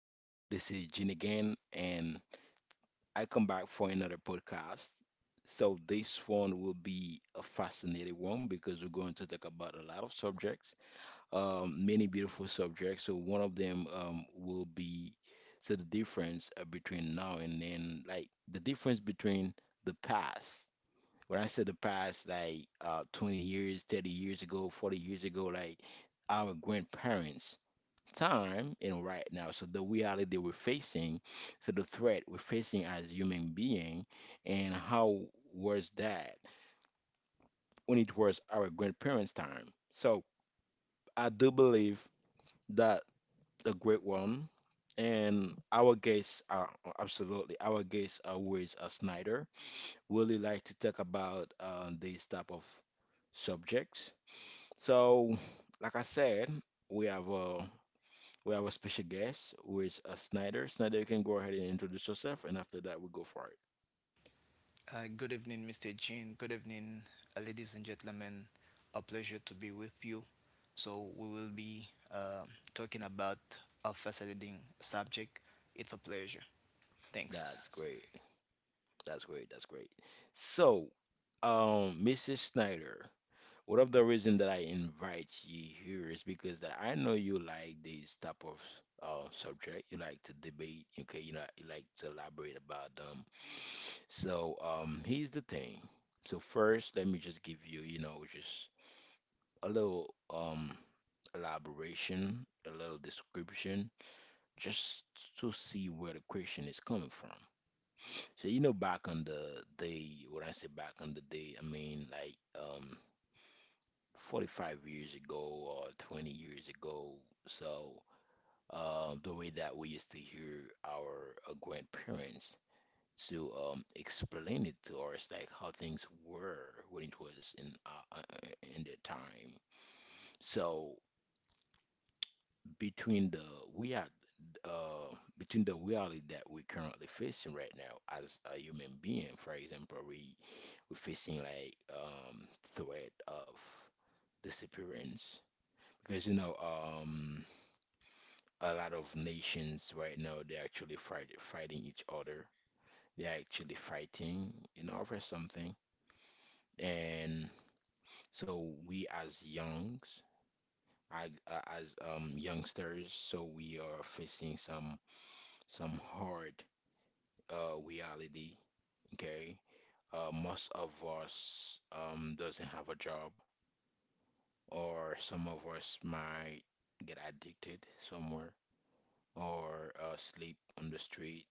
Hello, this is Gene again, and I come back for another podcast. So this one will be a fascinating one because we're going to talk about a lot of subjects, many beautiful subjects. So one of them will be so the difference between now and then, like the difference between the past. When I say the past, like 20 years, 30 years ago, 40 years ago, like our grandparents time and right now. So the reality we're facing, so the threat we're facing as human being, and how was that when it was our grandparents' time. So I do believe that a great one. And our guests are absolutely our guests are always a Snyder. Really like to talk about these type of subjects. So, like I said, we have uh, We have a special guest who is Snyder. Snyder, you can go ahead and introduce yourself, and after that, we go for it. Good evening, Mr. Jean. Good evening, ladies and gentlemen. A pleasure to be with you. So, we will be uh, talking about a fascinating subject. It's a pleasure. Thanks. That's great. That's great. That's great. So, Mrs. Snyder, one of the reason that I invite you here is because that I know you like this type of subject. You like to debate. Okay, you know, you like to elaborate about them. So, here's the thing. So first, let me just give you, you know, just a little elaboration, a little description just to see where the question is coming from. So you know, back on the day, when I say back on the day, I mean like 45 years ago or 20 years ago. So the way that we used to hear our grandparents to explain it to us, like how things were when it was in their time. So between the we are between the reality that we're currently facing right now as a human being. For example, we we're facing like threat of disappearance because you know, a lot of nations right now they're actually fighting each other. They're actually fighting, you know, for something. And so we as youngs, I, as youngsters, so we are facing some hard reality. Okay, most of us doesn't have a job, or some of us might get addicted somewhere, or sleep on the street,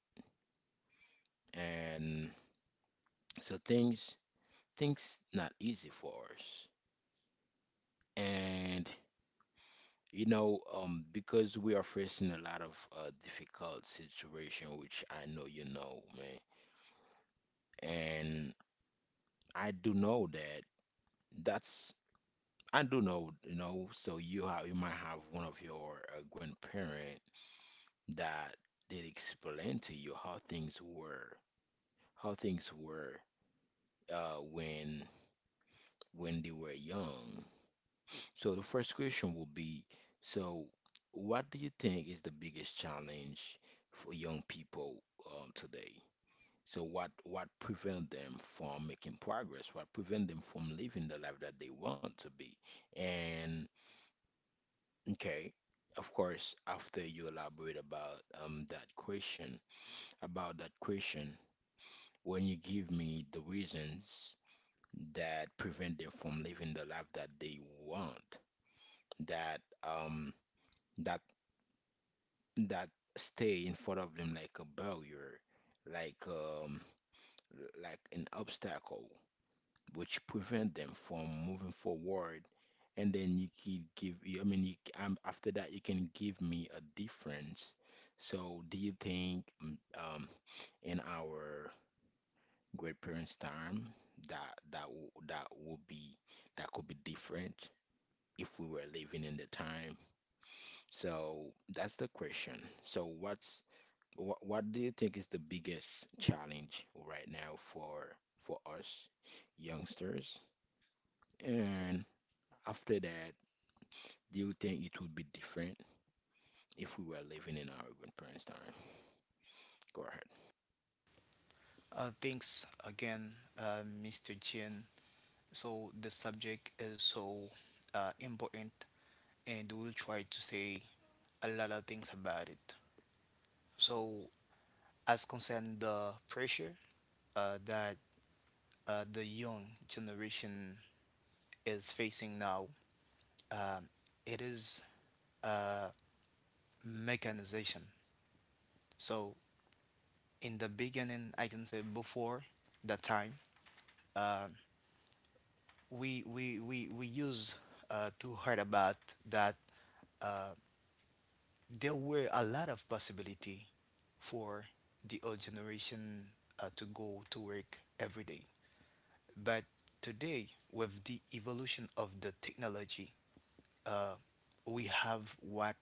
and so things things not easy for us. And you know, because we are facing a lot of difficult situation, which I know you know, man, and I do know that that's I do know, you know, so you have you might have one of your grandparents that did explain to you how things were uh, when when they were young. So the first question will be, so what do you think is the biggest challenge for young people today? So what prevent them from making progress? What prevent them from living the life that they want to be? And okay, of course, after you elaborate about that question, about that question. When you give me the reasons that prevent them from living the life that they want, that um that that stay in front of them like a barrier, like um like an obstacle, which prevent them from moving forward. And then you can give, I mean, you, after that you can give me a difference. So do you think um, in our grandparents' time that that that would be that could be different if we were living in the time. So that's the question. So what's what do you think is the biggest challenge right now for us youngsters? And after that, do you think it would be different if we were living in our grandparents' time? Go ahead. Thanks again, Mr. Jean. So, the subject is so important, and we'll try to say a lot of things about it. So, as concern the pressure that the young generation is facing now, um, it is uh, mechanization. So in the beginning, I can say before the time, um, we used to heard about that uh, there were a lot of possibility for the old generation to go to work every day. But today, with the evolution of the technology, uh, we have what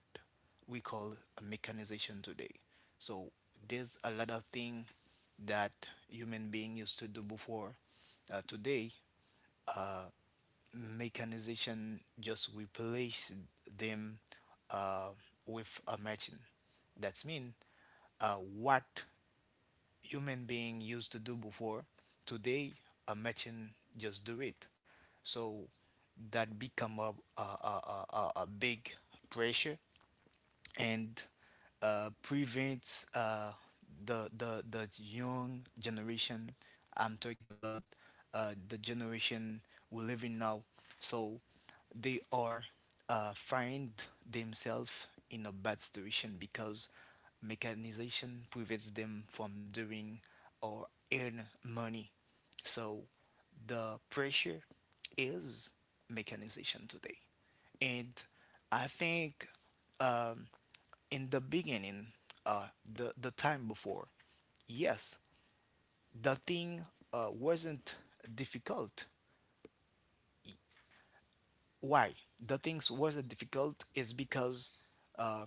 we call a mechanization today. So there's a lot of things that human being used to do before. Today, uh, mechanization just replace them uh, with a machine. That means what human being used to do before, today a machine just do it. So that become a big pressure and prevent the young generation. I'm talking about the generation we live in now, so they are find themselves in a bad situation because mechanization prevents them from doing or earn money. So the pressure is mechanization today, and I think um, in the beginning, uh, the time before, yes, the thing wasn't difficult. Why? The things wasn't difficult is because uh,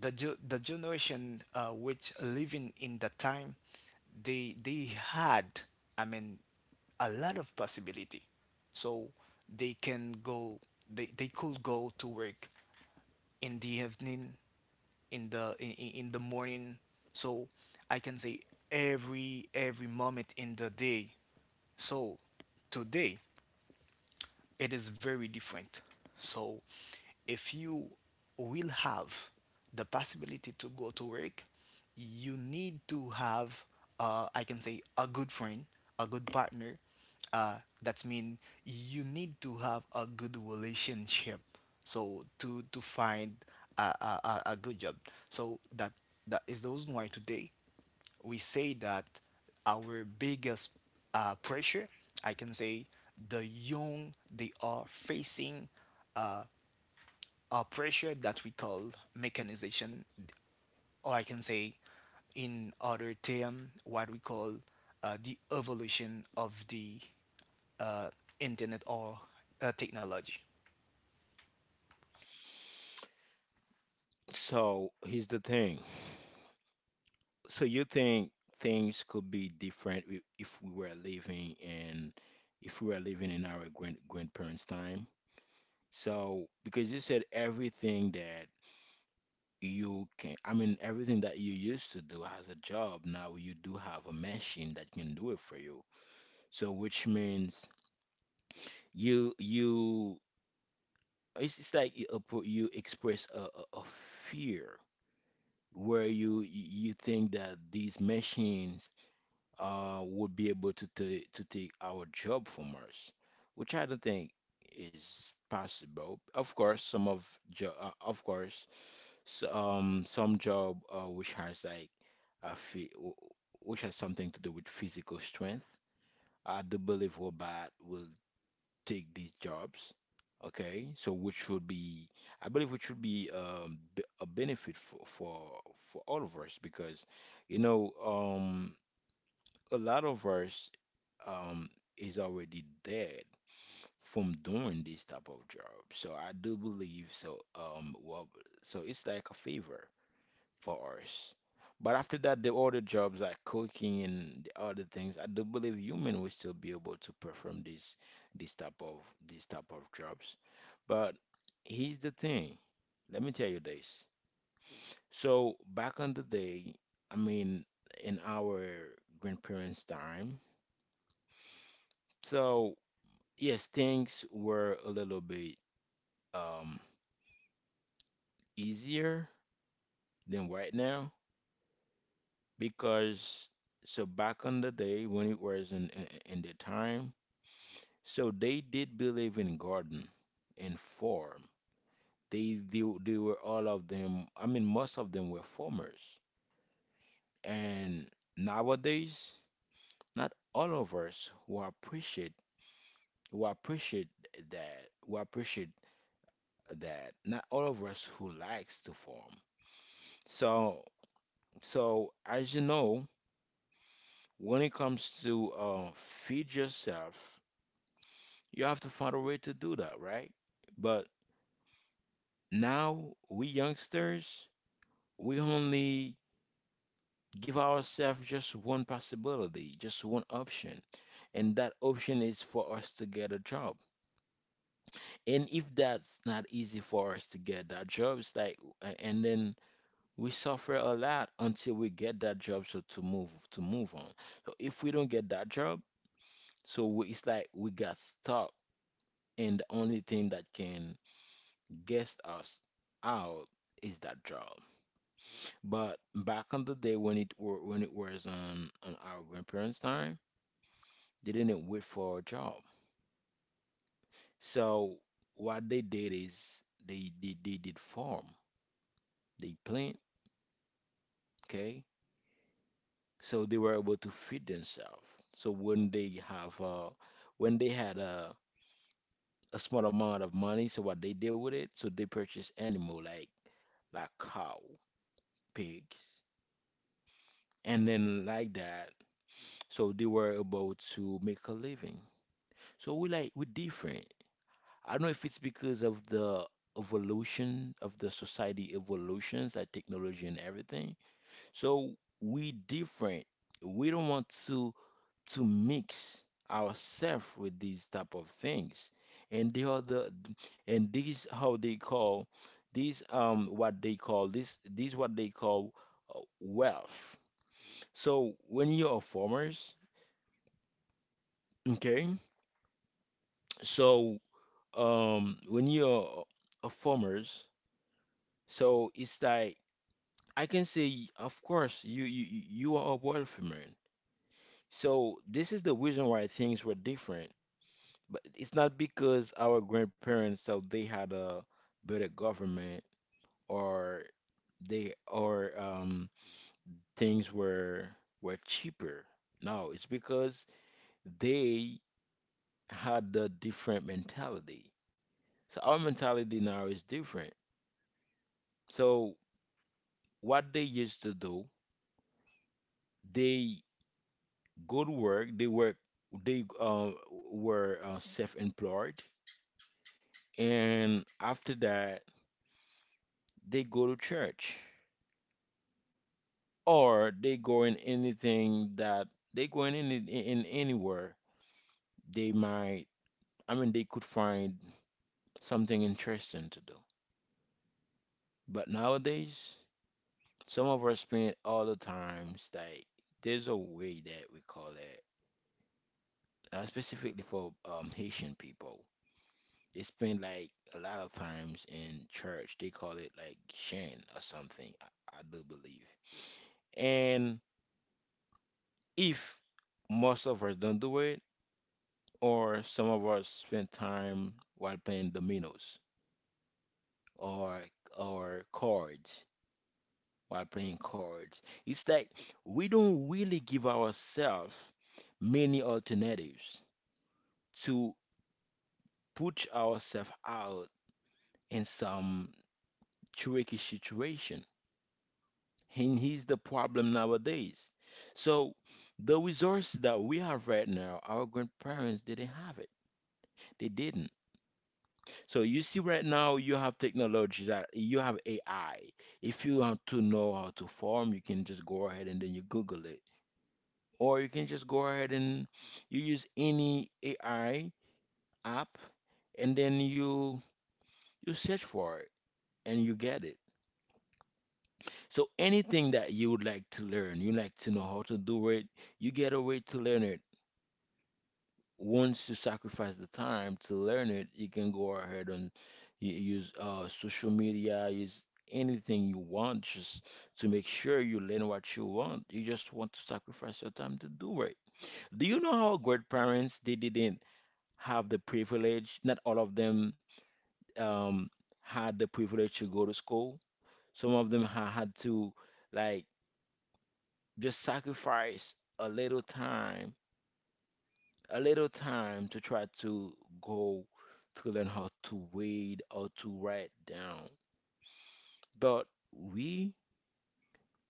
the generation which living in that time, they had, I mean, a lot of possibility, so they can go, they could go to work in the evening, in the in the morning, so I can say every moment in the day. So today it is very different. So if you will have the possibility to go to work, you need to have, I can say, a good friend, a good partner. Uh, that means you need to have a good relationship. So to find a good job. So that that is the reason why today we say that our biggest pressure, I can say, the young they are facing uh, a pressure that we call mechanization, or I can say, in other term, what we call the evolution of the uh, internet or technology. So here's the thing. So you think things could be different if we were living in if we were living in our grand grandparents' time? So because you said everything that you can, I mean everything that you used to do as a job, now you do have a machine that can do it for you. So which means you you it's like you you express a fear where you think that these machines would be able to to take our job from us, which I don't think is possible. Of course, some of jo of course, s some job which has like a phy- w- which has something to do with physical strength. I do believe robot will take these jobs. Okay, so which would be, I believe, which would be a benefit for all of us because, you know, a lot of us um is already dead from doing this type of job. So I do believe so well so it's like a favor for us. But after that the other jobs like cooking and the other things, I do believe human will still be able to perform this this type of this type of jobs. But here's the thing. Let me tell you this. So back on the day, I mean in our grandparents' time, so yes, things were a little bit um easier than right now because so back in the day when it was in the time, so they did believe in garden and farm. They were all of them. I mean, most of them were farmers. And nowadays, not all of us who appreciate that who appreciate that. Not all of us who likes to farm. So So, as you know, when it comes to feed yourself, you have to find a way to do that, right? But now, we youngsters, we only give ourselves just one possibility, just one option. And that option is for us to get a job. And if that's not easy for us to get that job, it's like, and then we suffer a lot until we get that job so to move on. So if we don't get that job, it's like we got stuck, and the only thing that can get us out is that job. But back on the day when it were, when it was on our grandparents' time, they didn't wait for a job. So what they did is they did farm, they plant, okay? So they were able to feed themselves. So when they have when they had a small amount of money, so what they did with it, so they purchased animal like cow pig and then like that. So they were able to make a living. So we like we're different. I don't know if it's because of the evolution of the society evolutions, like technology and everything. So we different. We don't want to mix ourselves with these type of things. And they are the and these how they call these what they call this these what they call wealth. So when you're a farmers, okay, so when you're a farmers, so it's like I can say, of course, you are a wealthy man. So this is the reason why things were different. But it's not because our grandparents so they had a better government or they or things were cheaper. No, it's because they had a different mentality. So our mentality now is different. So what they used to do, they go to work, they work, they were self-employed, and after that they go to church or they go in anything that they go in any, in anywhere they might. I mean, they could find something interesting to do. But nowadays, some of us spend all the times like there's a way that we call it specifically for Haitian people. They spend like a lot of times in church. They call it like Shen or something, I do believe. And if most of us don't do it, or some of us spend time while playing dominoes or or cards while playing cards, it's like we don't really give ourselves many alternatives to put ourselves out in some tricky situation, and he's the problem nowadays. So the resources that we have right now our grandparents didn't have it, they didn't. So you see right now you have technology that you have AI. If you want to know how to farm you can just go ahead and then you google it, or you can just go ahead and you use any AI app and then you search for it and you get it. So anything that you would like to learn, you like to know how to do it, you get a way to learn it. Once you sacrifice the time to learn it, you can go ahead and use social media, use anything you want just to make sure you learn what you want. You just want to sacrifice your time to do it. Do you know how great parents they didn't have the privilege? Not all of them um, had the privilege to go to school. Some of them ha had to like just sacrifice a little time, a little time to try to go to learn how to read or to write down. But we,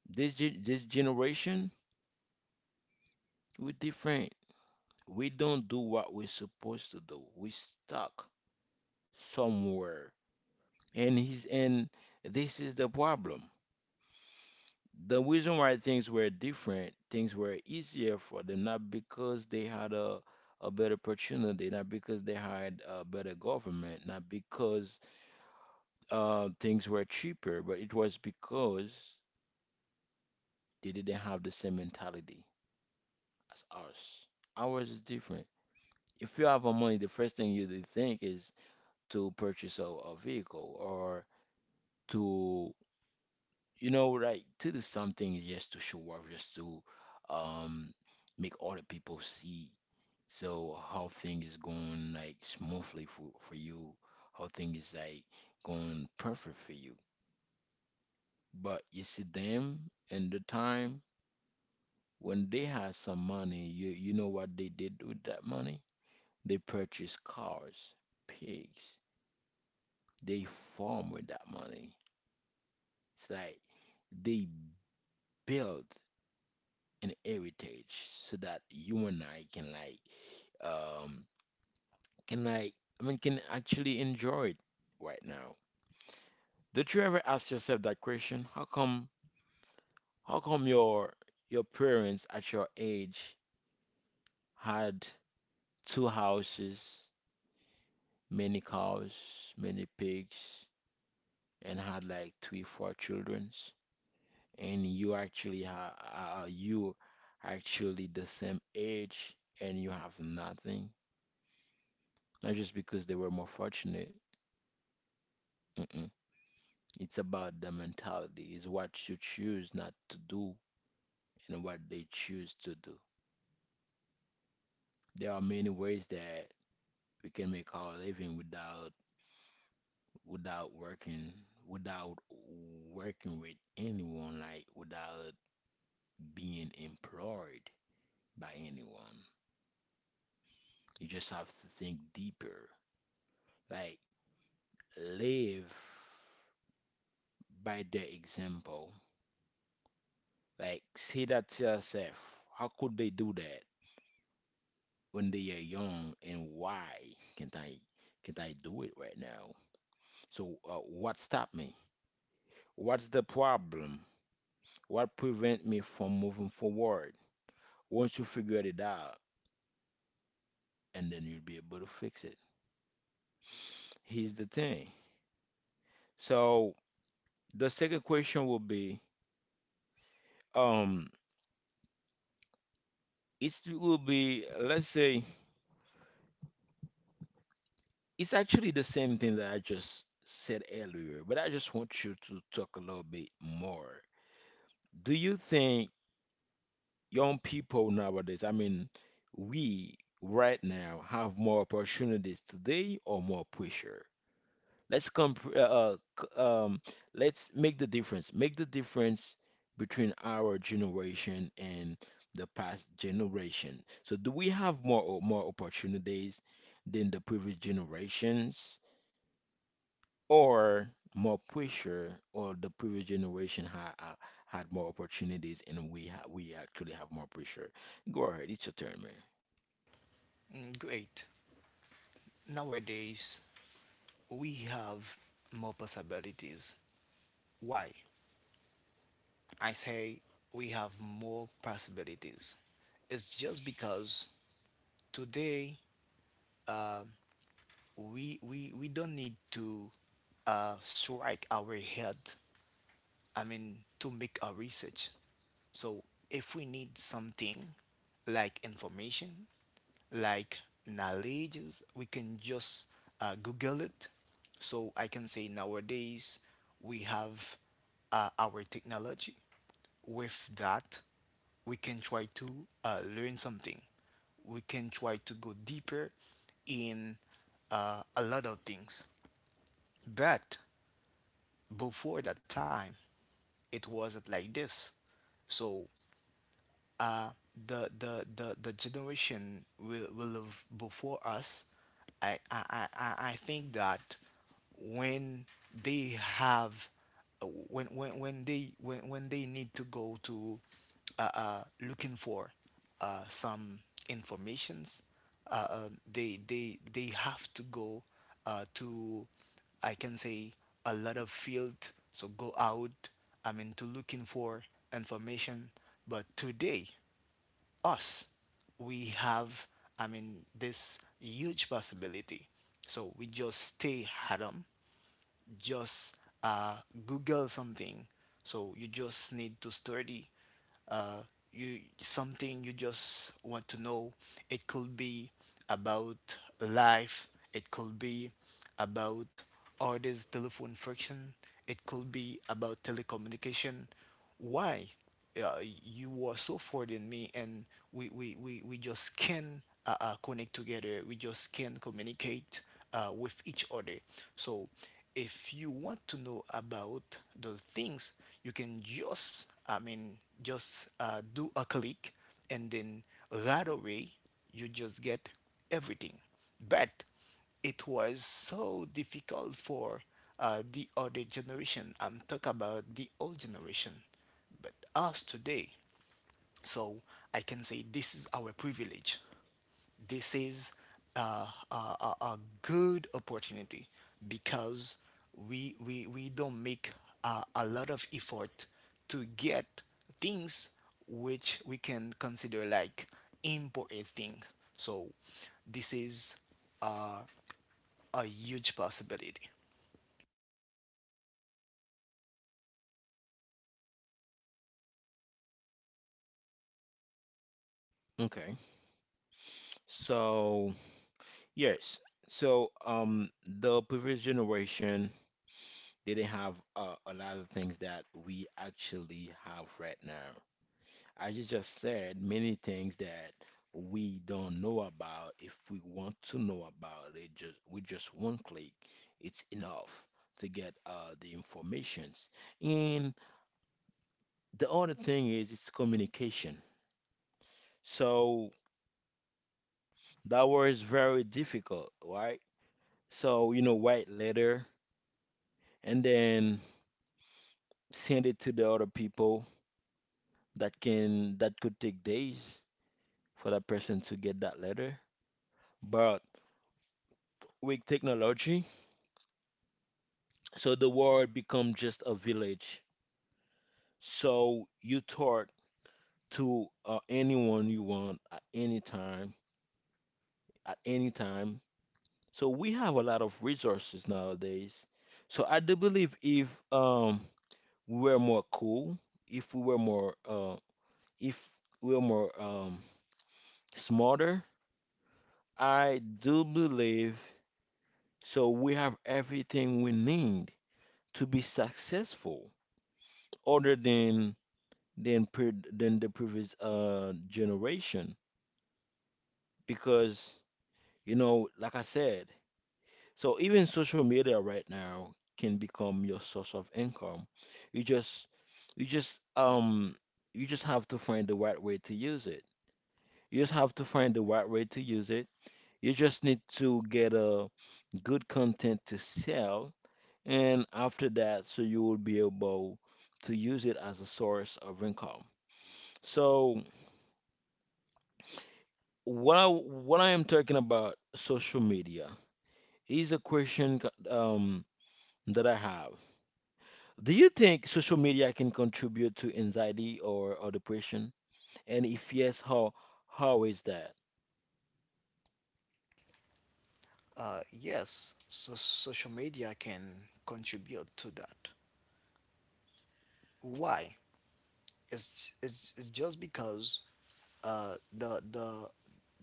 this generation, we're different. We don't do what we're supposed to do. We stuck somewhere, and this is the problem. The reason why things were different, things were easier for them, not because they had a better opportunity, not because they had a better government, not because things were cheaper, but it was because they didn't have the same mentality as ours. Ours is different. If you have a money, the first thing you do think is to purchase a vehicle or to, you know, like to do something just to show off, just to um, make other people see. So how things going like smoothly for you? How things like going perfect for you? But you see them and the time when they had some money, you know what they did with that money? They purchased cars, pigs. They farm with that money. It's like they built an heritage so that you and I can um like can actually enjoy it right now. Did you ever ask yourself that question? How come your parents at your age had two houses, many cows, many pigs, and had like three, four childrens, and you actually ha you actually the same age and you have nothing? Not just because they were more fortunate. Mm-mm. It's about the mentality. It's what you choose not to do and what they choose to do. There are many ways that we can make our living without working without working with anyone, like without being employed by anyone. You just have to think deeper, like live by their example, like say that to yourself, how could they do that when they are young and why can't i can't i do it right now? So what stopped me, what's the problem, what prevent me from moving forward? Once you figure it out, and then you'll be able to fix it. Here's the thing. So the second question will be, um, it will be, let's say, it's actually the same thing that I just said earlier, but I just want you to talk a little bit more. Do you think young people nowadays, I mean, we right now have more opportunities today or more pressure? Let's comp- uh, uh, c- um, let's make the difference. Make the difference between our generation and the past generation. So, do we have more opportunities than the previous generations, or more pressure, or the previous generation had more opportunities and we actually have more pressure? Go ahead, it's your turn, man. Mm, great. Nowadays, we have more possibilities. Why? I say we have more possibilities. It's just because today uh, we don't need to strike our head, I mean, to make our research. So if we need something like information, like knowledges, we can just Google it. So I can say nowadays we have our technology. With that, we can try to learn something. We can try to go deeper in a lot of things. But before that time, it wasn't like this. So uh, the generation will live before us. I think that when they have when when they need to go to looking for some informations, they have to go to, I can say, a lot of field, so go out, I mean, to looking for information. But today, us, we have, I mean, this huge possibility, so we just stay at home, just uh, Google something. So you just need to study uh, you something you just want to know. It could be about life. It could be about orders telephone friction. It could be about telecommunication. Why? uh, you were so forward in me, and we just can connect together, we just can communicate with each other. So if you want to know about those things, you can just, I mean, just do a click, and then right away you just get everything. But it was so difficult for the other generation. I'm talking about the old generation, but us today. So I can say this is our privilege. This is uh, a good opportunity because we don't make a lot of effort to get things which we can consider like important things. So this is uh, a huge possibility. Okay, so yes, so the previous generation, they didn't have a lot of things that we actually have right now. As you just said, many things that we don't know about. If we want to know about it, just with just one click, it's enough to get the informations. And the other thing is it's communication. So that was very difficult, right? So you know, write letter and then send it to the other people that can that could take days for that person to get that letter. But with technology, so the world become just a village. So you talk to anyone you want at any time, at any time. So we have a lot of resources nowadays. So I do believe if we were more cool, if we were more if we were more smarter, I do believe so we have everything we need to be successful, other than the previous generation, because you know, like I said, so even social media right now can become your source of income. You just you just um you just have to find the right way to use it. You just have to find the right way to use it. You just need to get a good content to sell, and after that, so you will be able to use it as a source of income. So what I am talking about social media is a question um, that I have. Do you think social media can contribute to anxiety or depression? And if yes, how is that? Yes, so social media can contribute to that. Why? It's just because the the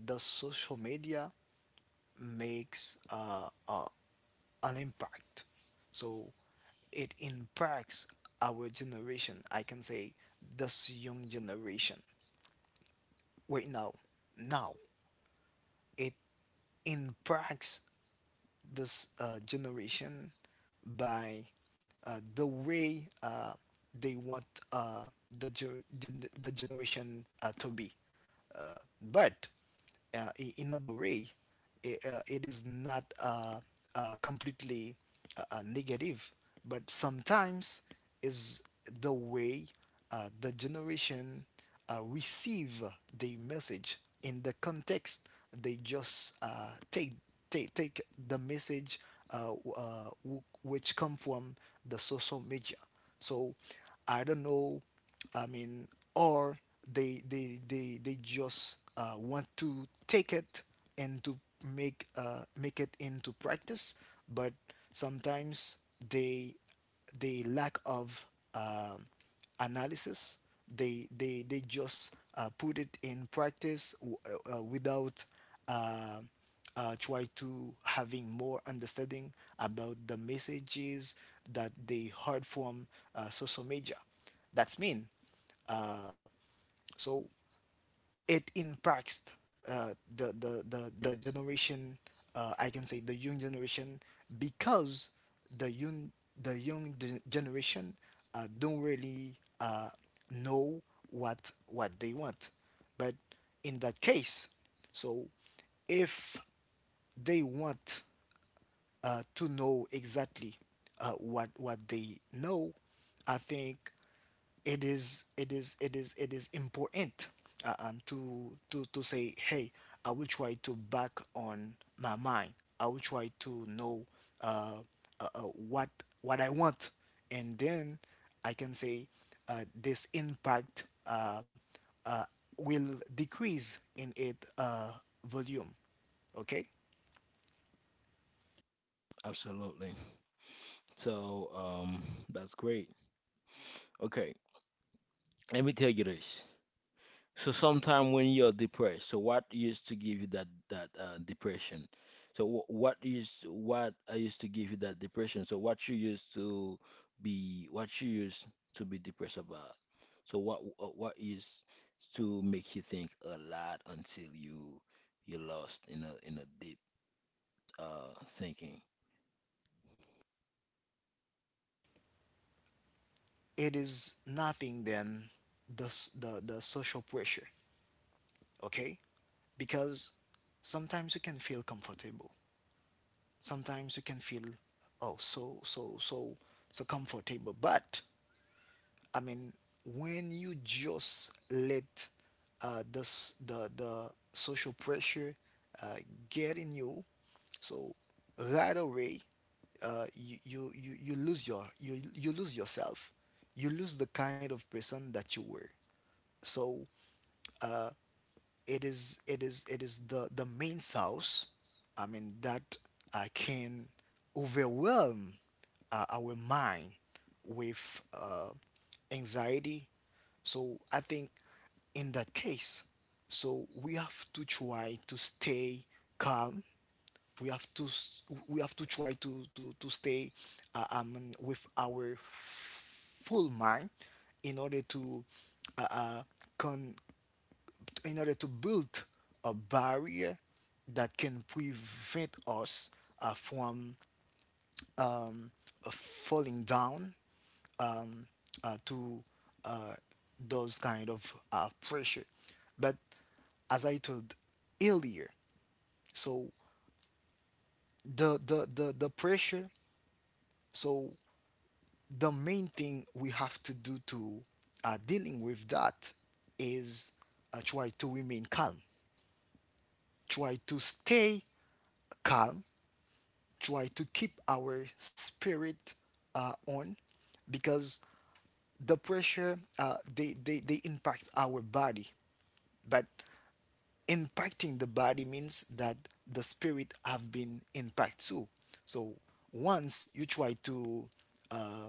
the social media makes an impact. So it impacts our generation. I can say this young generation. Wait, now it impacts this generation by the way they want uh, the, the generation to be. Uh, but in other way, it is not completely negative, but sometimes is the way the generation receive the message in the context. They just take the message uh, which come from the social media. So I don't know, I mean, or they just want to take it and to make make it into practice. But sometimes they the lack of um analysis. They just put it in practice without uh, try to having more understanding about the messages that they heard from social media. That's mean. So it impacts the generation, I can say the young generation, because the young, the young generation don't really know what they want. But in that case, so if they want to know exactly what they know, I think it is important to say, hey, I will try to back on my mind, I will try to know uh, uh, uh, what what I want. And then I can say this impact uh, will decrease in its volume. Okay. Absolutely. So that's great. Okay, let me tell you this. So sometime when you're depressed, so what used to give you that depression? So what I used to give you that depression? So what you used to be depressed about? So what is to make you think a lot until you're lost in a deep thinking? It is nothing than the social pressure, okay? Because sometimes you can feel comfortable. Sometimes you can feel, oh, so comfortable. But, I mean, when you just let the social pressure uh, get in you, so right away, you lose your, you lose yourself. You lose the kind of person that you were. So it is the main source, I mean, that I can overwhelm our mind with anxiety. So I think in that case, so we have to try to stay calm. We have to we have to try to to stay with our full mind in order to uh, uh, con- in order to build a barrier that can prevent us from falling down to uh, those kind of pressure. But as I told earlier, so the pressure, so the main thing we have to do to dealing with that is try to remain calm, try to stay calm, try to keep our spirit on, because the pressure uh, they they impact our body, but impacting the body means that the spirit have been impacted too. So once you try to uh,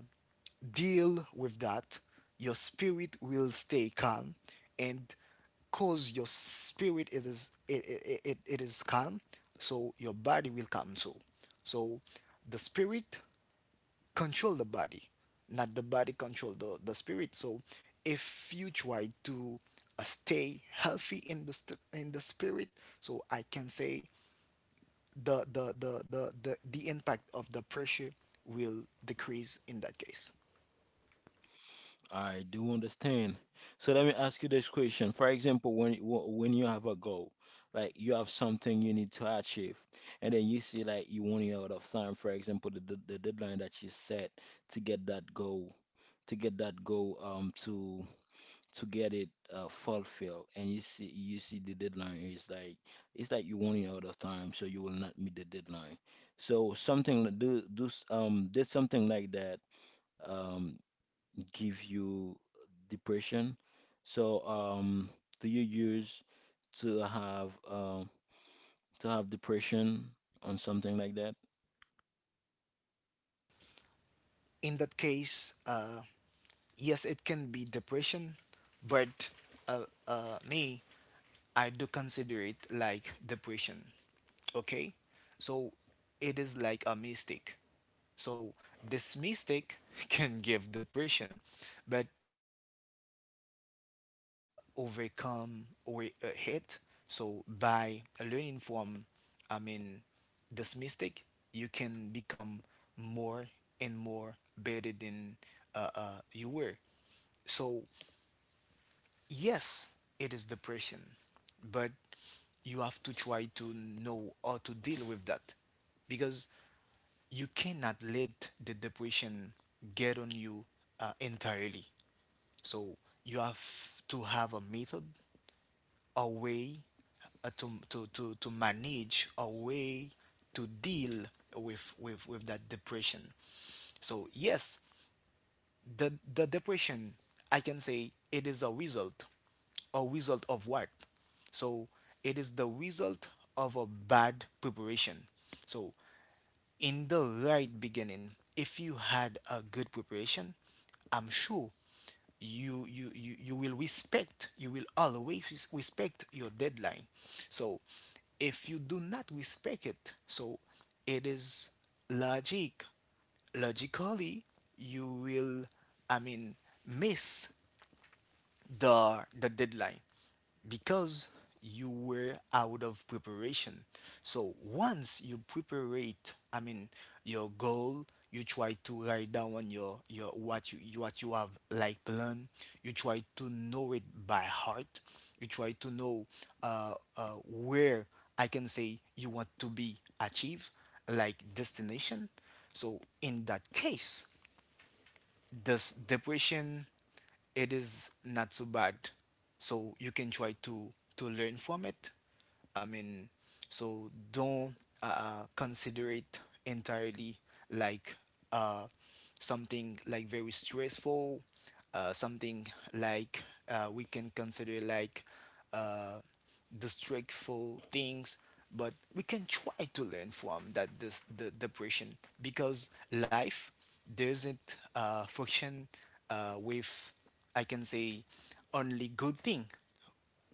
deal with that, your spirit will stay calm, and cause your spirit it is it, it, it, it is calm, so your body will calm too. So the spirit control the body, not the body control the spirit. So if you try to stay healthy in the in the spirit, so I can say the impact of the pressure will decrease in that case. I do understand. So let me ask you this question. For example, when you have a goal, like you have something you need to achieve, and then you see like you running out of time. For example, the deadline that you set to get that goal, to get that goal, to get it fulfilled, and you see the deadline is like it's like you're running out of time, so you will not meet the deadline. So something like- do do s- did something like that Um, give you depression. So, do you use to have um, to have depression on something like that? In that case, yes, it can be depression. But me, I do consider it like depression. Okay, so it is like a mistake. So this mistake can give depression, but once you try to overcome or hit, so by learning from, I mean, this mistake, you can become more and more better than you were. So yes, it is depression, but you have to try to know how to deal with that because you cannot let the depression get on you entirely. So you have to have a method, a way to manage, a way to deal with that depression. So yes, the depression I can say it is a result, a result of what? So it is the result of a bad preparation. So in the right beginning, if you had a good preparation, I'm sure you will respect, you will always respect your deadline. So if you do not respect it, so it is logic, logically you will, I mean, miss the deadline because you were out of preparation. So once you prepare it, I mean your goal, you try to write down your what you- what you have like plan. You try to know it by heart. You try to know where, I can say, you want to be achieved, like destination. So in that case, this depression, it is not so bad, so you can try to learn from it, I mean. So don't consider it entirely like uh, something like very stressful, something like, we can consider like uh, distractful things. But we can try to learn from that, this the depression, because life, there isn't function with, I can say, only good thing.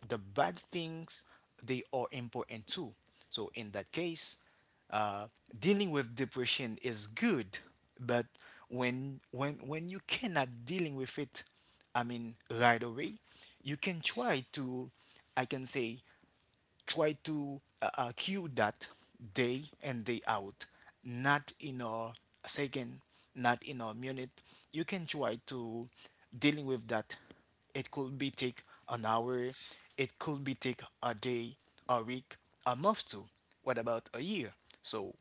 The bad things, they are important too. So in that case, uh, dealing with depression is good. But when you cannot dealing with it, I mean right away, you can try to, I can say, try to cure that, day and day out, not in a second, not in a minute. You can try to dealing with that. It could be take an hour, it could be take a day, a week, a month too. What about a year? So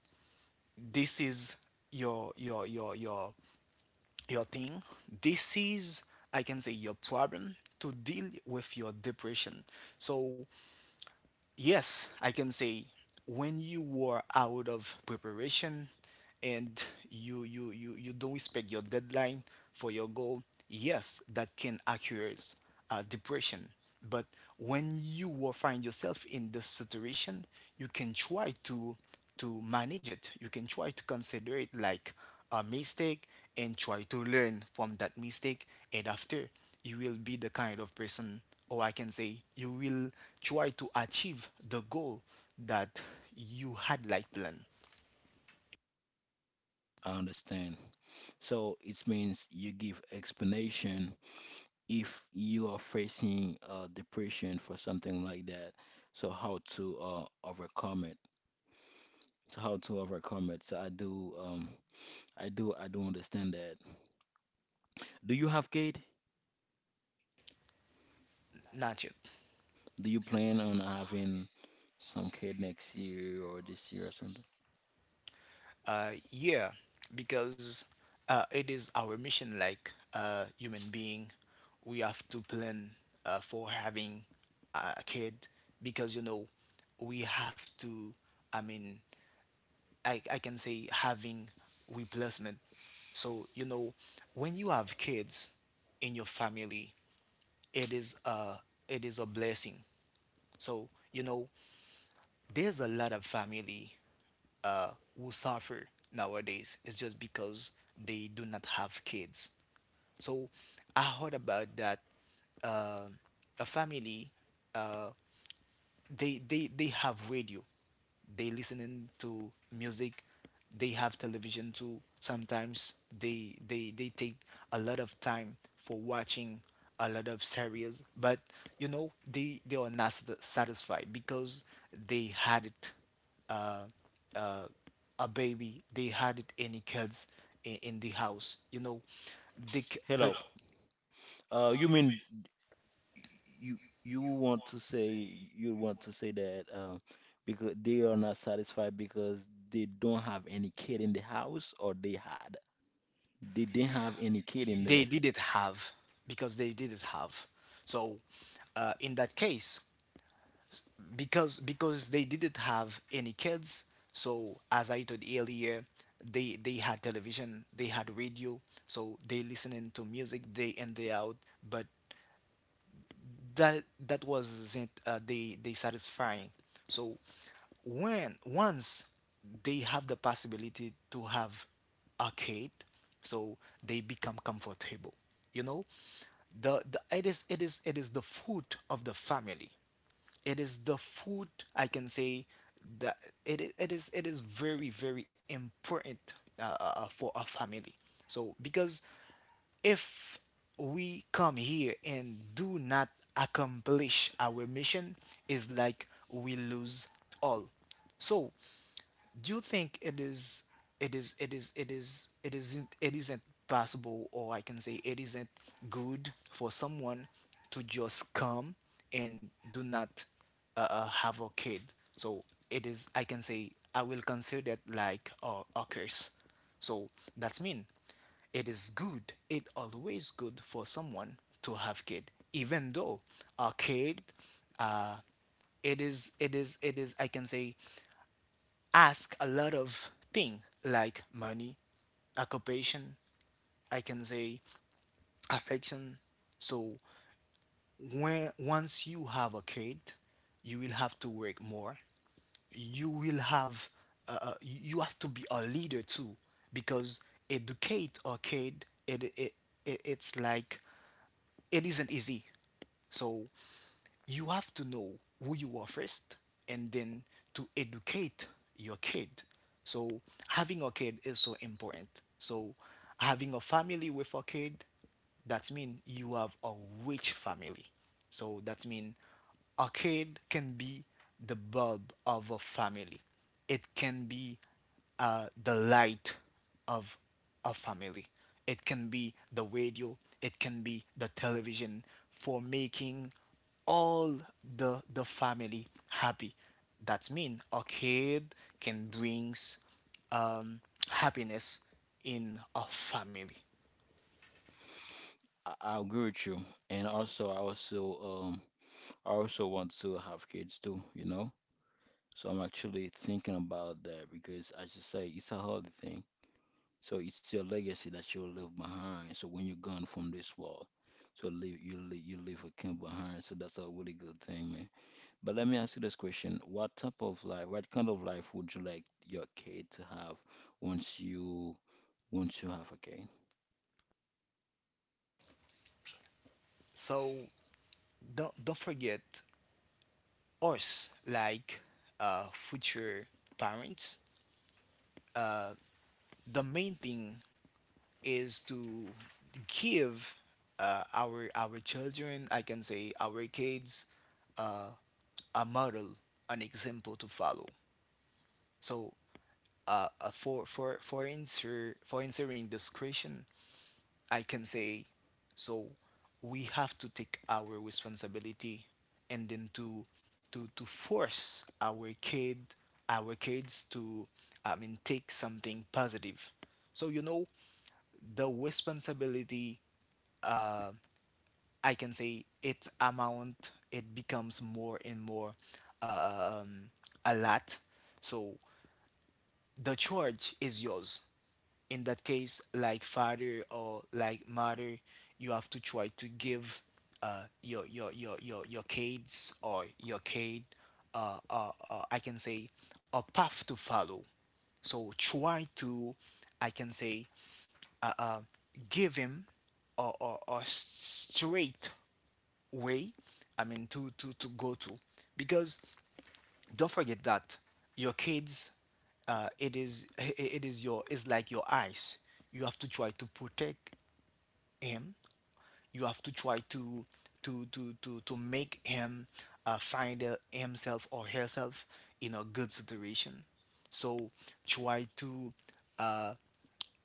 this is your your your your your thing. This is, I can say, your problem to deal with your depression. So yes, I can say, when you were out of preparation and you don't respect your deadline for your goal, yes, that can accuse depression. But when you will find yourself in this situation, you can try to manage it. You can try to consider it like a mistake and try to learn from that mistake. And after, you will be the kind of person, or I can say, you will try to achieve the goal that you had like plan. I understand. So it means you give explanation if you are facing depression for something like that. So how to overcome it? So how to overcome it? So I do understand that. Do you have kid? Not yet. Do you plan on having some kid next year or this year or something? Yeah, because it is our mission like human being. We have to plan for having a kid, because you know we have to, I mean, I can say, having replacement. So you know, when you have kids in your family, it is a it is a blessing. So you know, there's a lot of family uh, who suffer nowadays. It's just because they do not have kids. So I heard about that, uh, a family, uh, they have radio, they listening to music, they have television too. Sometimes they take a lot of time for watching a lot of series, but you know they are not satisfied because they had it, uh uh a baby, they had it any kids in the house, you know, the Hello. You mean you you want to say that because they are not satisfied because they don't have any kid in the house, or they had they didn't have any kid in the. they didn't have, because they didn't have. So in that case, because they didn't have any kids, so as I told earlier, they had television, they had radio, so they listening to music day in day out. But that wasn't they satisfying. So when once they have the possibility to have a kid, so they become comfortable. You know, the it is it is the food of the family, it is the food, I can say, that it is very very important for a family. So because if we come here and do not accomplish our mission, is like we lose all. So do you think it is it isn't, it isn't possible, or I can say it isn't good for someone to just come and do not have a kid? So it is, I can say, I will consider that like a curse. So that's mean it is good, it always good for someone to have kid. Even though a kid, it is I can say, ask a lot of thing like money, occupation, I can say affection. So when once you have a kid, you will have to work more. You will have uh, uh, you have to be a leader too, because educate a kid, it it's like, it isn't easy. So you have to know who you are first, and then to educate your kid. So having a kid is so important. So having a family with a kid, that means you have a rich family. So that means a kid can be the bulb of a family. It can be the light of a family. It can be the radio. It can be the television for making all the family happy. That means a kid can brings um, happiness in a family. I agree with you, and also I also want to have kids too, you know. So I'm actually thinking about that because I just say it's a hard thing. So it's your legacy that you'll leave behind. So when you're gone from this world, so you leave a kin behind. So that's a really good thing, man. But let me ask you this question: what type of life, what kind of life would you like your kid to have once you once you have a kid? So don't forget us like future parents, uh, the main thing is to give our children, I can say, our kids, uh, a model, an example to follow. So for answering this question, I can say. So we have to take our responsibility and then to force our kid, our kids to, I mean, take something positive. So you know, the responsibility, I can say, its amount, it becomes more and more uh, um, a lot. So the charge is yours. In that case, like father or like mother, you have to try to give your kids or your kid, I can say, a path to follow. So try to, I can say, give him a straight way. I mean, to go to, because don't forget that your kids, it is your, it's like your eyes. You have to try to protect him. You have to try to to make him find himself or herself in a good situation. So try to uh,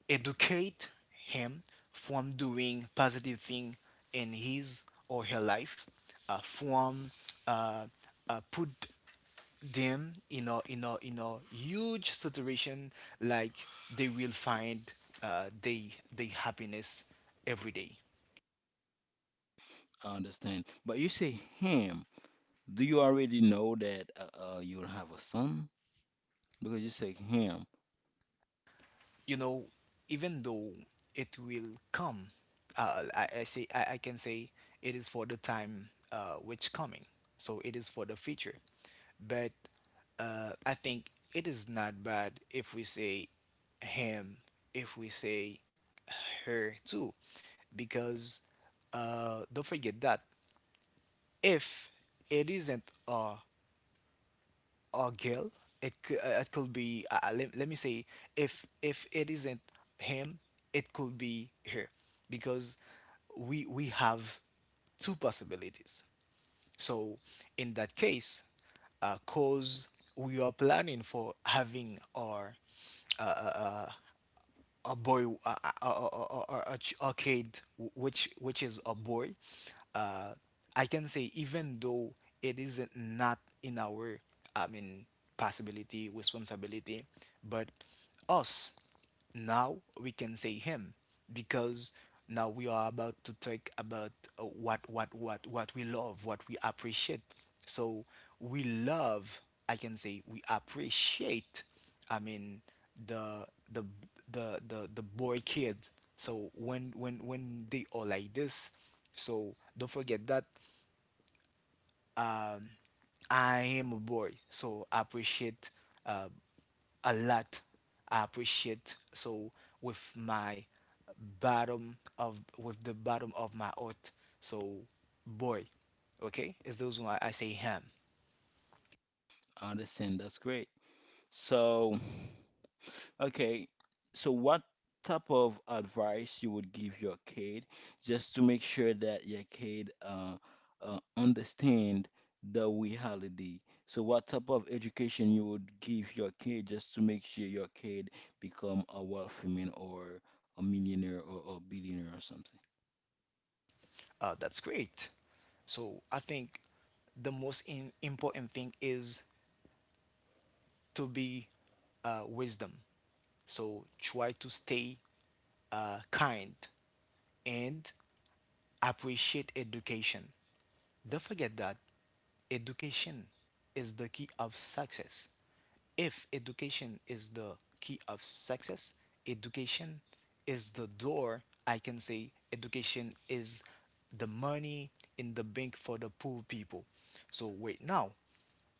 educate him from doing positive thing in his or her life, from uh, put them in a huge situation, like they will find uh, they they happiness every day. I understand. But you say him. Do you already know that you'll have a son? Because you say him. You know, even though it will come, I can say, it is for the time which coming. So it is for the future. But I think it is not bad if we say him, if we say her too, because don't forget that if it isn't a girl, it it could be let me say, if it isn't him, it could be her, because we have two possibilities. So in that case, because we are planning for having our uh, a boy, a kid which is a boy. uh I can say, even though it isn't not in our, I mean, possibility responsibility, but us, now we can say him, because now we are about to talk about what we love, what we appreciate. So we love, I can say, we appreciate, I mean, the the the boy kid. So when they are like this, so don't forget that, um, I am a boy. So I appreciate uh, a lot. I appreciate so with my bottom of with the bottom of my heart. So, boy, okay, it's those why I say him. I understand. That's great. So. Okay, so what type of advice you would give your kid just to make sure that your kid understand the reality? So what type of education you would give your kid just to make sure your kid become a wealthy man or a millionaire or a billionaire or something? That's great. So I think the most important thing is to be wisdom. So try to stay kind and appreciate education. Don't forget that education is the key of success. If education is the key of success, education is the door. I can say education is the money in the bank for the poor people. So wait, now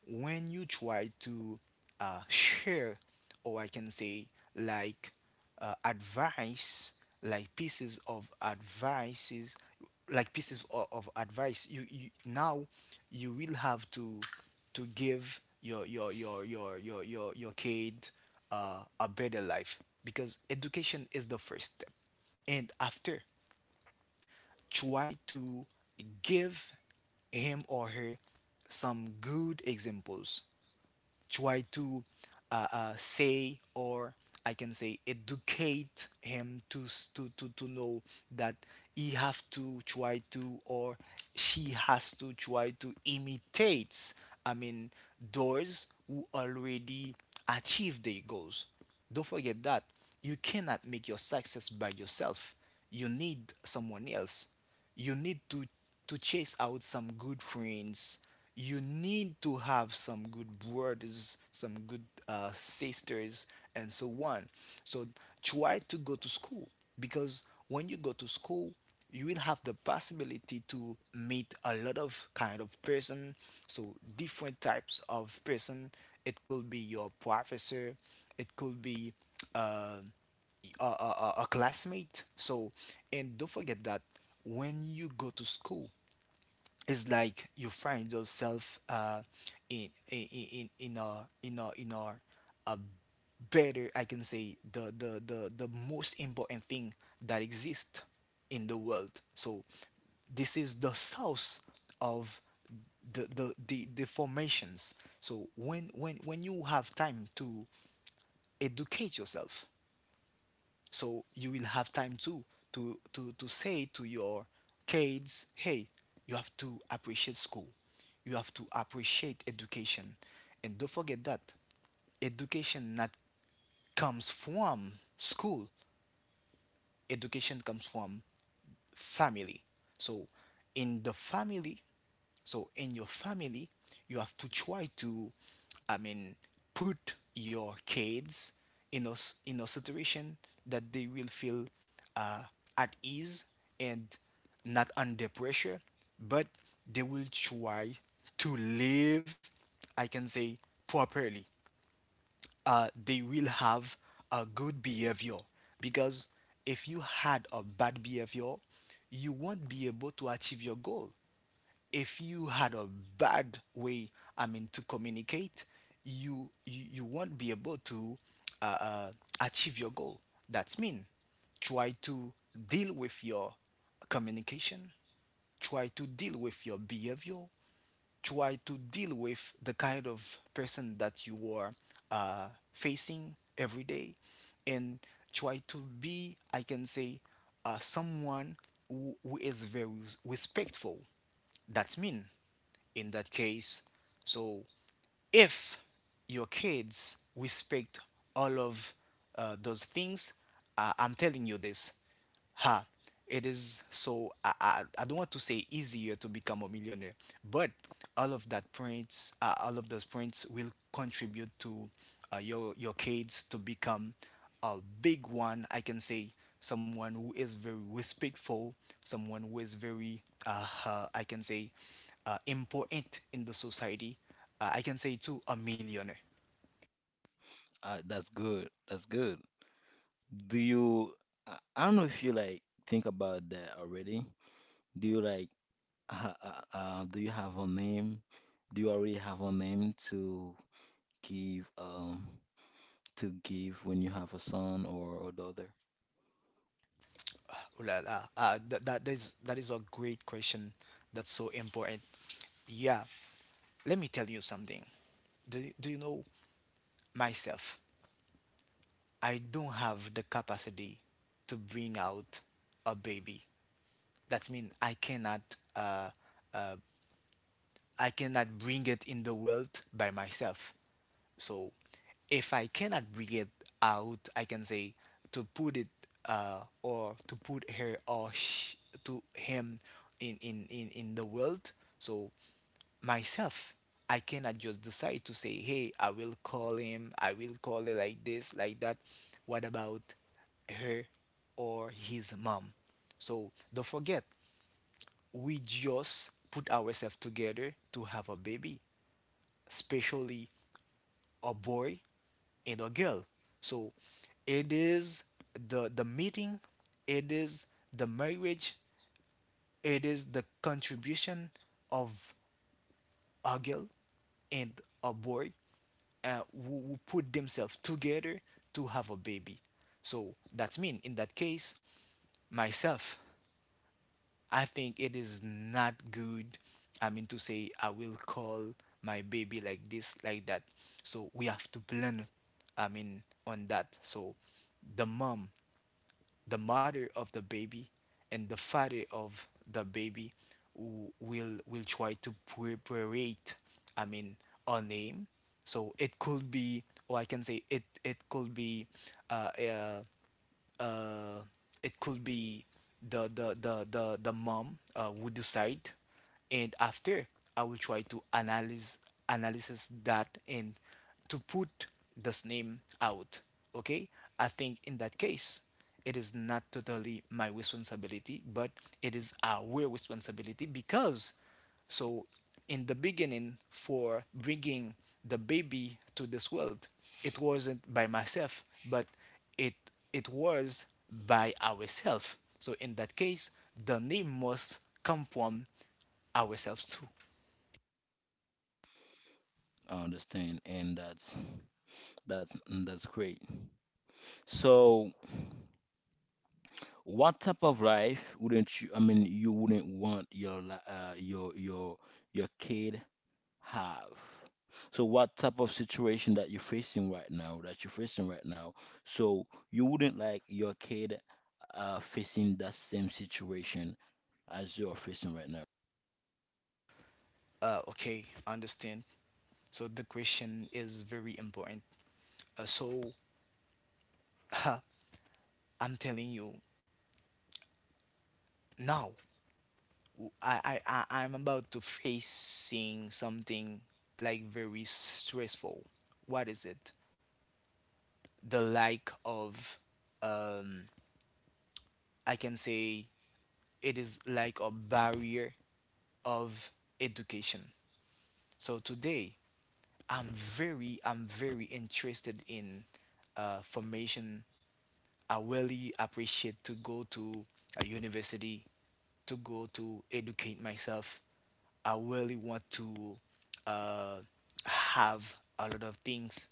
when you try to share, or I can say, like advice, like pieces of advices, like pieces of advice, you now, you will have to give your kid a better life, because education is the first step. And after, try to give him or her some good examples. Try to say or I can say educate him to, to know that he have to try to, or she has to try to, imitate, I mean, those who already achieve their goals. Don't forget that you cannot make your success by yourself. You need someone else. You need to chase out some good friends. You need to have some good brothers, some good sisters, and so on. So try to go to school, because when you go to school, you will have the possibility to meet a lot of kind of person, so different types of person. It could be your professor, it could be uh, a classmate. So, and don't forget that when you go to school, it's like you find yourself in a better, I can say, the most important thing that exists in the world. So, this is the source of the formations. So when you have time to educate yourself, so you will have time too to say to your kids, hey, you have to appreciate school, you have to appreciate education, and don't forget that education not comes from school, education comes from family. So in the family, so in your family, you have to try to, I mean, put your kids in a situation that they will feel uh, at ease and not under pressure, but they will try to live, I can say, properly. Uh, they will have a good behavior, because if you had a bad behavior you won't be able to achieve your goal, if you had a bad way, I mean, to communicate, you won't be able to uh, uh, achieve your goal. That's mean try to deal with your communication, try to deal with your behavior, try to deal with the kind of person that you are uh, facing every day, and try to be, I can say, someone who is very respectful. That's mean, in that case, so if your kids respect all of those things, I'm telling you this, ha, it is so I don't want to say easier to become a millionaire, but all of that points, all of those points will contribute to your kids to become a big one, I can say, someone who is very respectful, someone who is very I can say important in the society, I can say too a millionaire. That's good. That's good. Do you, I don't know if you like think about that already. Do you like Uh, uh, do you have a name? Do you already have a name give um to give when you have a son or a daughter? Ooh la la, that is a great question, that's so important, yeah. Let me tell you something. Do you know myself? I don't have the capacity to bring out a baby. That means uh, uh, I cannot bring it in the world by myself. So if I cannot bring it out, I can say, to put it, or to put her to him in the world. So myself, I cannot just decide to say, hey, I will call him, I will call it like this, like that. What about her or his mom? So don't forget, we just put ourselves together to have a baby, especially a boy and a girl. So it is the meeting, it is the marriage, it is the contribution of a girl and a boy, who put themselves together to have a baby. So that means, in that case, myself, I think it is not good. I mean, to say I will call my baby like this, like that. So we have to plan. I mean on that. So the mom, the mother of the baby, and the father of the baby will try to preparate. I mean, a name. So it could be, or I can say it, it could be, uh, uh uh, it could be the mom would decide, and after I will try to analyze, analysis that, and to put this name out. Okay, I think in that case it is not totally my responsibility, but it is our responsibility, because, so in the beginning, for bringing the baby to this world, it wasn't by myself, but it it was by ourselves. So in that case, the name must come from ourselves too. I understand, and that's that's great. So, what type of life wouldn't you? I mean, you wouldn't want your li- your kid have. So what type of situation that you're facing right now, that you're facing right now. So you wouldn't like your kid facing that same situation as you're facing right now. Okay, understand. So the question is very important. Uh, so uh, I'm telling you now, I am about to facing something like very stressful. What is it? The lack of, um, I can say, it is like a barrier of education. So today, I'm very interested in formation. I really appreciate to go to a university, to go to educate myself. I really want to uh, have a lot of things,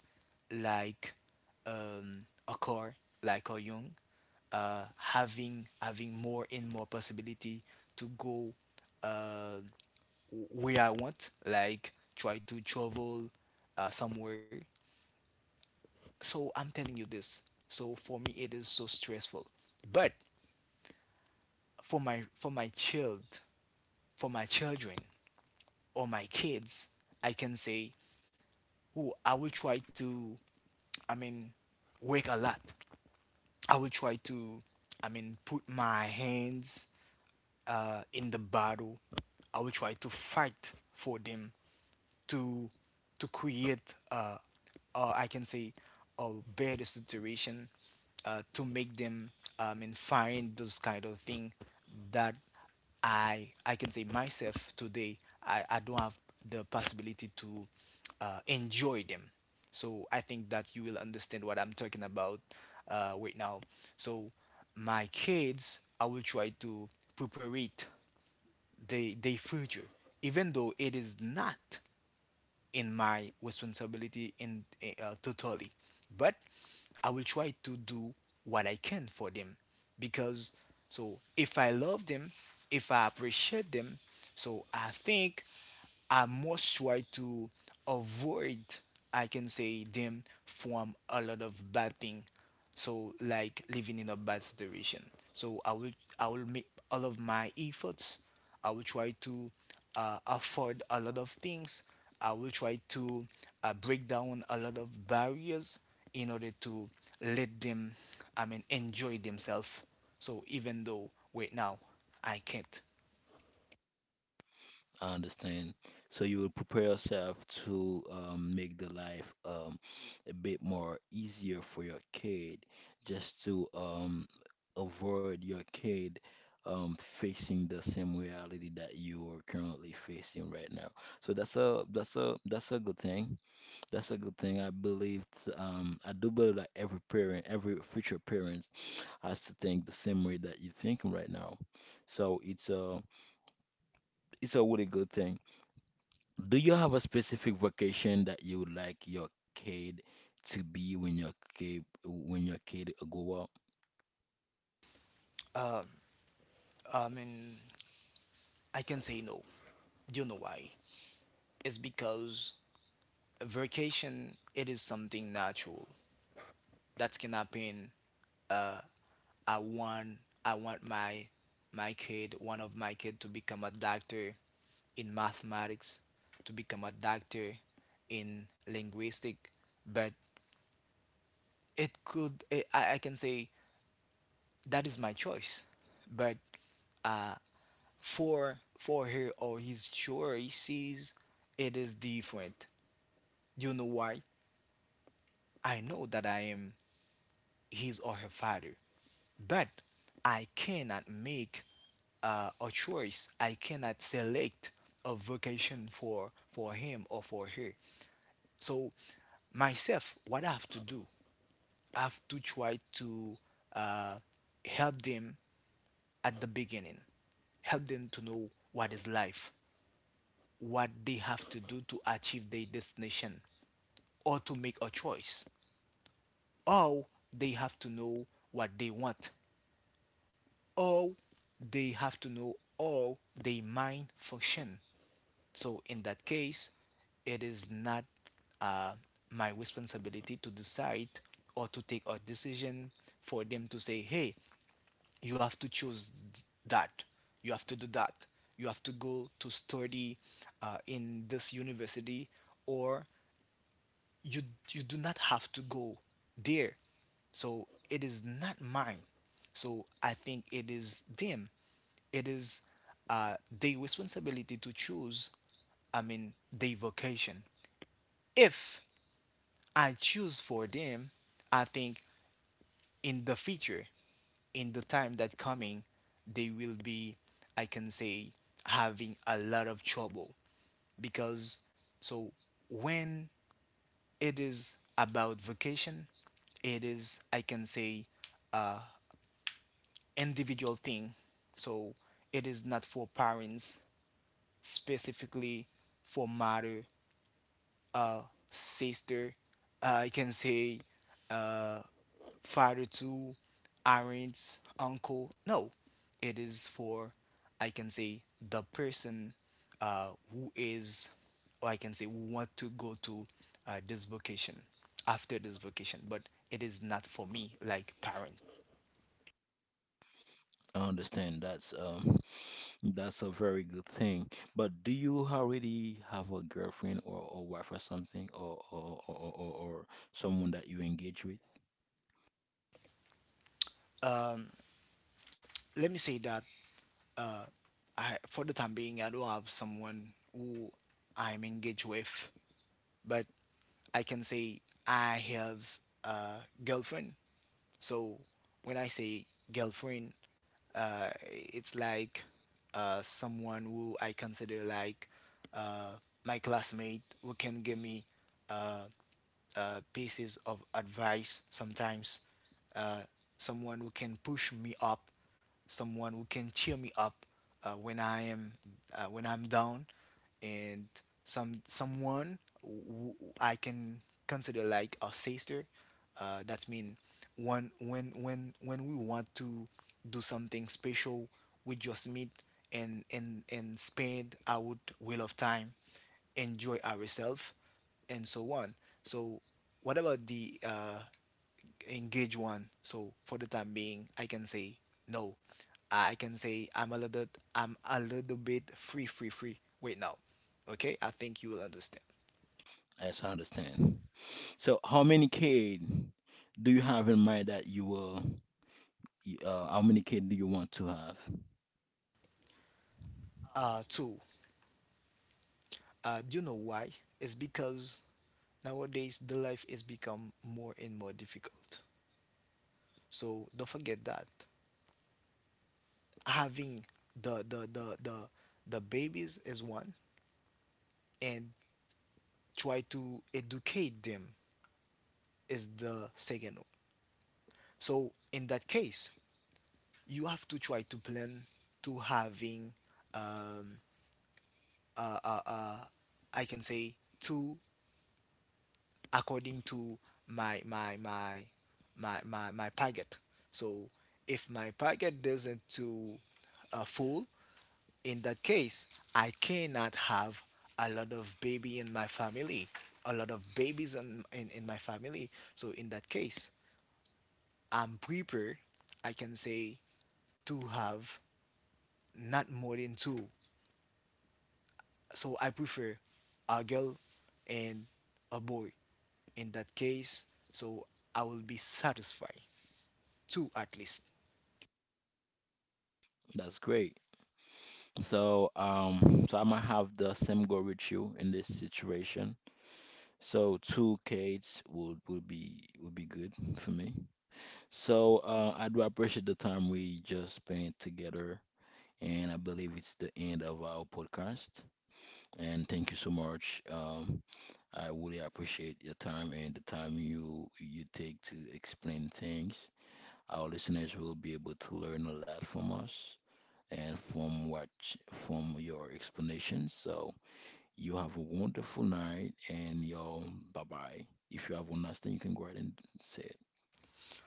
like, a car, like a young, having more and more possibility to go. Uh, where I want, like try to travel somewhere. So I'm telling you this. So for me, it is so stressful. For my child, for my children or my kids, I can say, oh, I will try to, I mean, work a lot. I will try to, I mean, put my hands in the battle. I will try to fight for them, to to create, I can say, a better situation, to make them, I mean, find those kind of thing that I can say myself today, I don't have the possibility to enjoy them. So I think that you will understand what I'm talking about right now. So my kids, I will try to prepare it, they future, even though it is not in my responsibility, in totally, but I will try to do what I can for them, because, so if I love them, if I appreciate them, so I think I must try to avoid, I can say, them from a lot of bad thing, so like living in a bad situation. So I will make all of my efforts. I will try to afford a lot of things. I will try to break down a lot of barriers in order to let them, I mean, enjoy themselves. So even though right now I can't, I understand. So you will prepare yourself to make the life a bit more easier for your kid, just to avoid your kid facing the same reality that you are currently facing right now. So that's a good thing. That's a good thing, I believe. I do believe that every parent, every future parent, has to think the same way that you're thinking right now. So it's a really good thing. Do you have a specific vocation that you would like your kid to be when your kid grow up? um, I mean, I can say no. Do you know why? It's because vacation, it is something natural that can happen. Uh, I want my one of my kid to become a doctor in mathematics, to become a doctor in linguistic, but it could, I can say, that is my choice. But for her or his choices, it is different. Do you know why? I know that I am his or her father. But I cannot make a choice. I cannot select a vocation for him or for her. So myself, what I have to do, I have to try to uh, help them at the beginning, help them to know what is life, what they have to do to achieve their destination, or to make a choice, or they have to know what they want, or they have to know all the main function. So in that case, it is not uh, my responsibility to decide or to take a decision for them, to say, hey, you have to choose that, you have to do that, you have to go to study in this university, or you you do not have to go there. So it is not mine. So I think it is them, it is uh, their responsibility to choose, I mean, their vocation. If I choose for them, I think in the future, in the time that coming, they will be, I can say, having a lot of trouble, because, so when it is about vocation, it is, I can say, individual thing. So it is not for parents, specifically for mother, uh, sister, I can say, uh, father to, aunts, uncle. No, it is for, I can say, the person who is, or I can say, who want to go to this vacation, after this vacation. But it is not for me, like parent. I understand, that's a very good thing. But do you already have a girlfriend or wife or something or or someone that you engage with? Um, let me say that, uh, I, for the time being, I don't have someone who I'm engaged with, but I can say I have a girlfriend. So when I say girlfriend, it's like someone who I consider like uh, my classmate, who can give me uh, pieces of advice sometimes, uh, someone who can push me up, someone who can cheer me up when I am, when I'm down, and someone who I can consider like a sister. That's mean, when when we want to do something special, we just meet, and spend our will of time, enjoy ourselves, and so on. So what about the engaged one? So for the time being, I can say no. I can say I'm a little, I'm a little bit free, wait now. Okay, I think you will understand. As I understand. So how many kid do you have in mind that how many kid do you want to have? Uh, two. Uh, do you know why? It's because nowadays the life is become more and more difficult. So don't forget that having the the the the, the babies is one, and try to educate them is the second one. So in that case, you have to try to plan to having um uh uh, uh I can say two, according to my my my my packet. So if my packet doesn't to full, in that case, I cannot have a lot of baby in my family, a lot of babies in my family. So in that case, I'm prefer, I can say, to have not more than two. So I prefer a girl and a boy, in that case. So I will be satisfied. Two at least. That's great. So, so I'm gonna have the same go with you in this situation. So two kids would be good for me. So I do appreciate the time we just spent together, and I believe it's the end of our podcast. And thank you so much. I really appreciate your time and the time you take to explain things. Our listeners will be able to learn a lot from us and from your explanations. So. You have a wonderful night, and y'all, bye bye. If you have one last thing, you can go ahead and say it.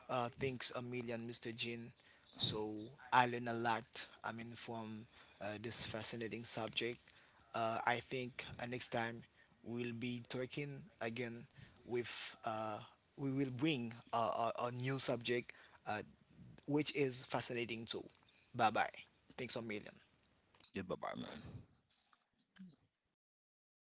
Thanks a million, Mr. Jin. So I learned a lot. I mean, from this fascinating subject. I think next time we'll be talking again with, we will bring a new subject, uh, which is fascinating too. Bye bye. Thanks a million. Yeah, bye bye, man.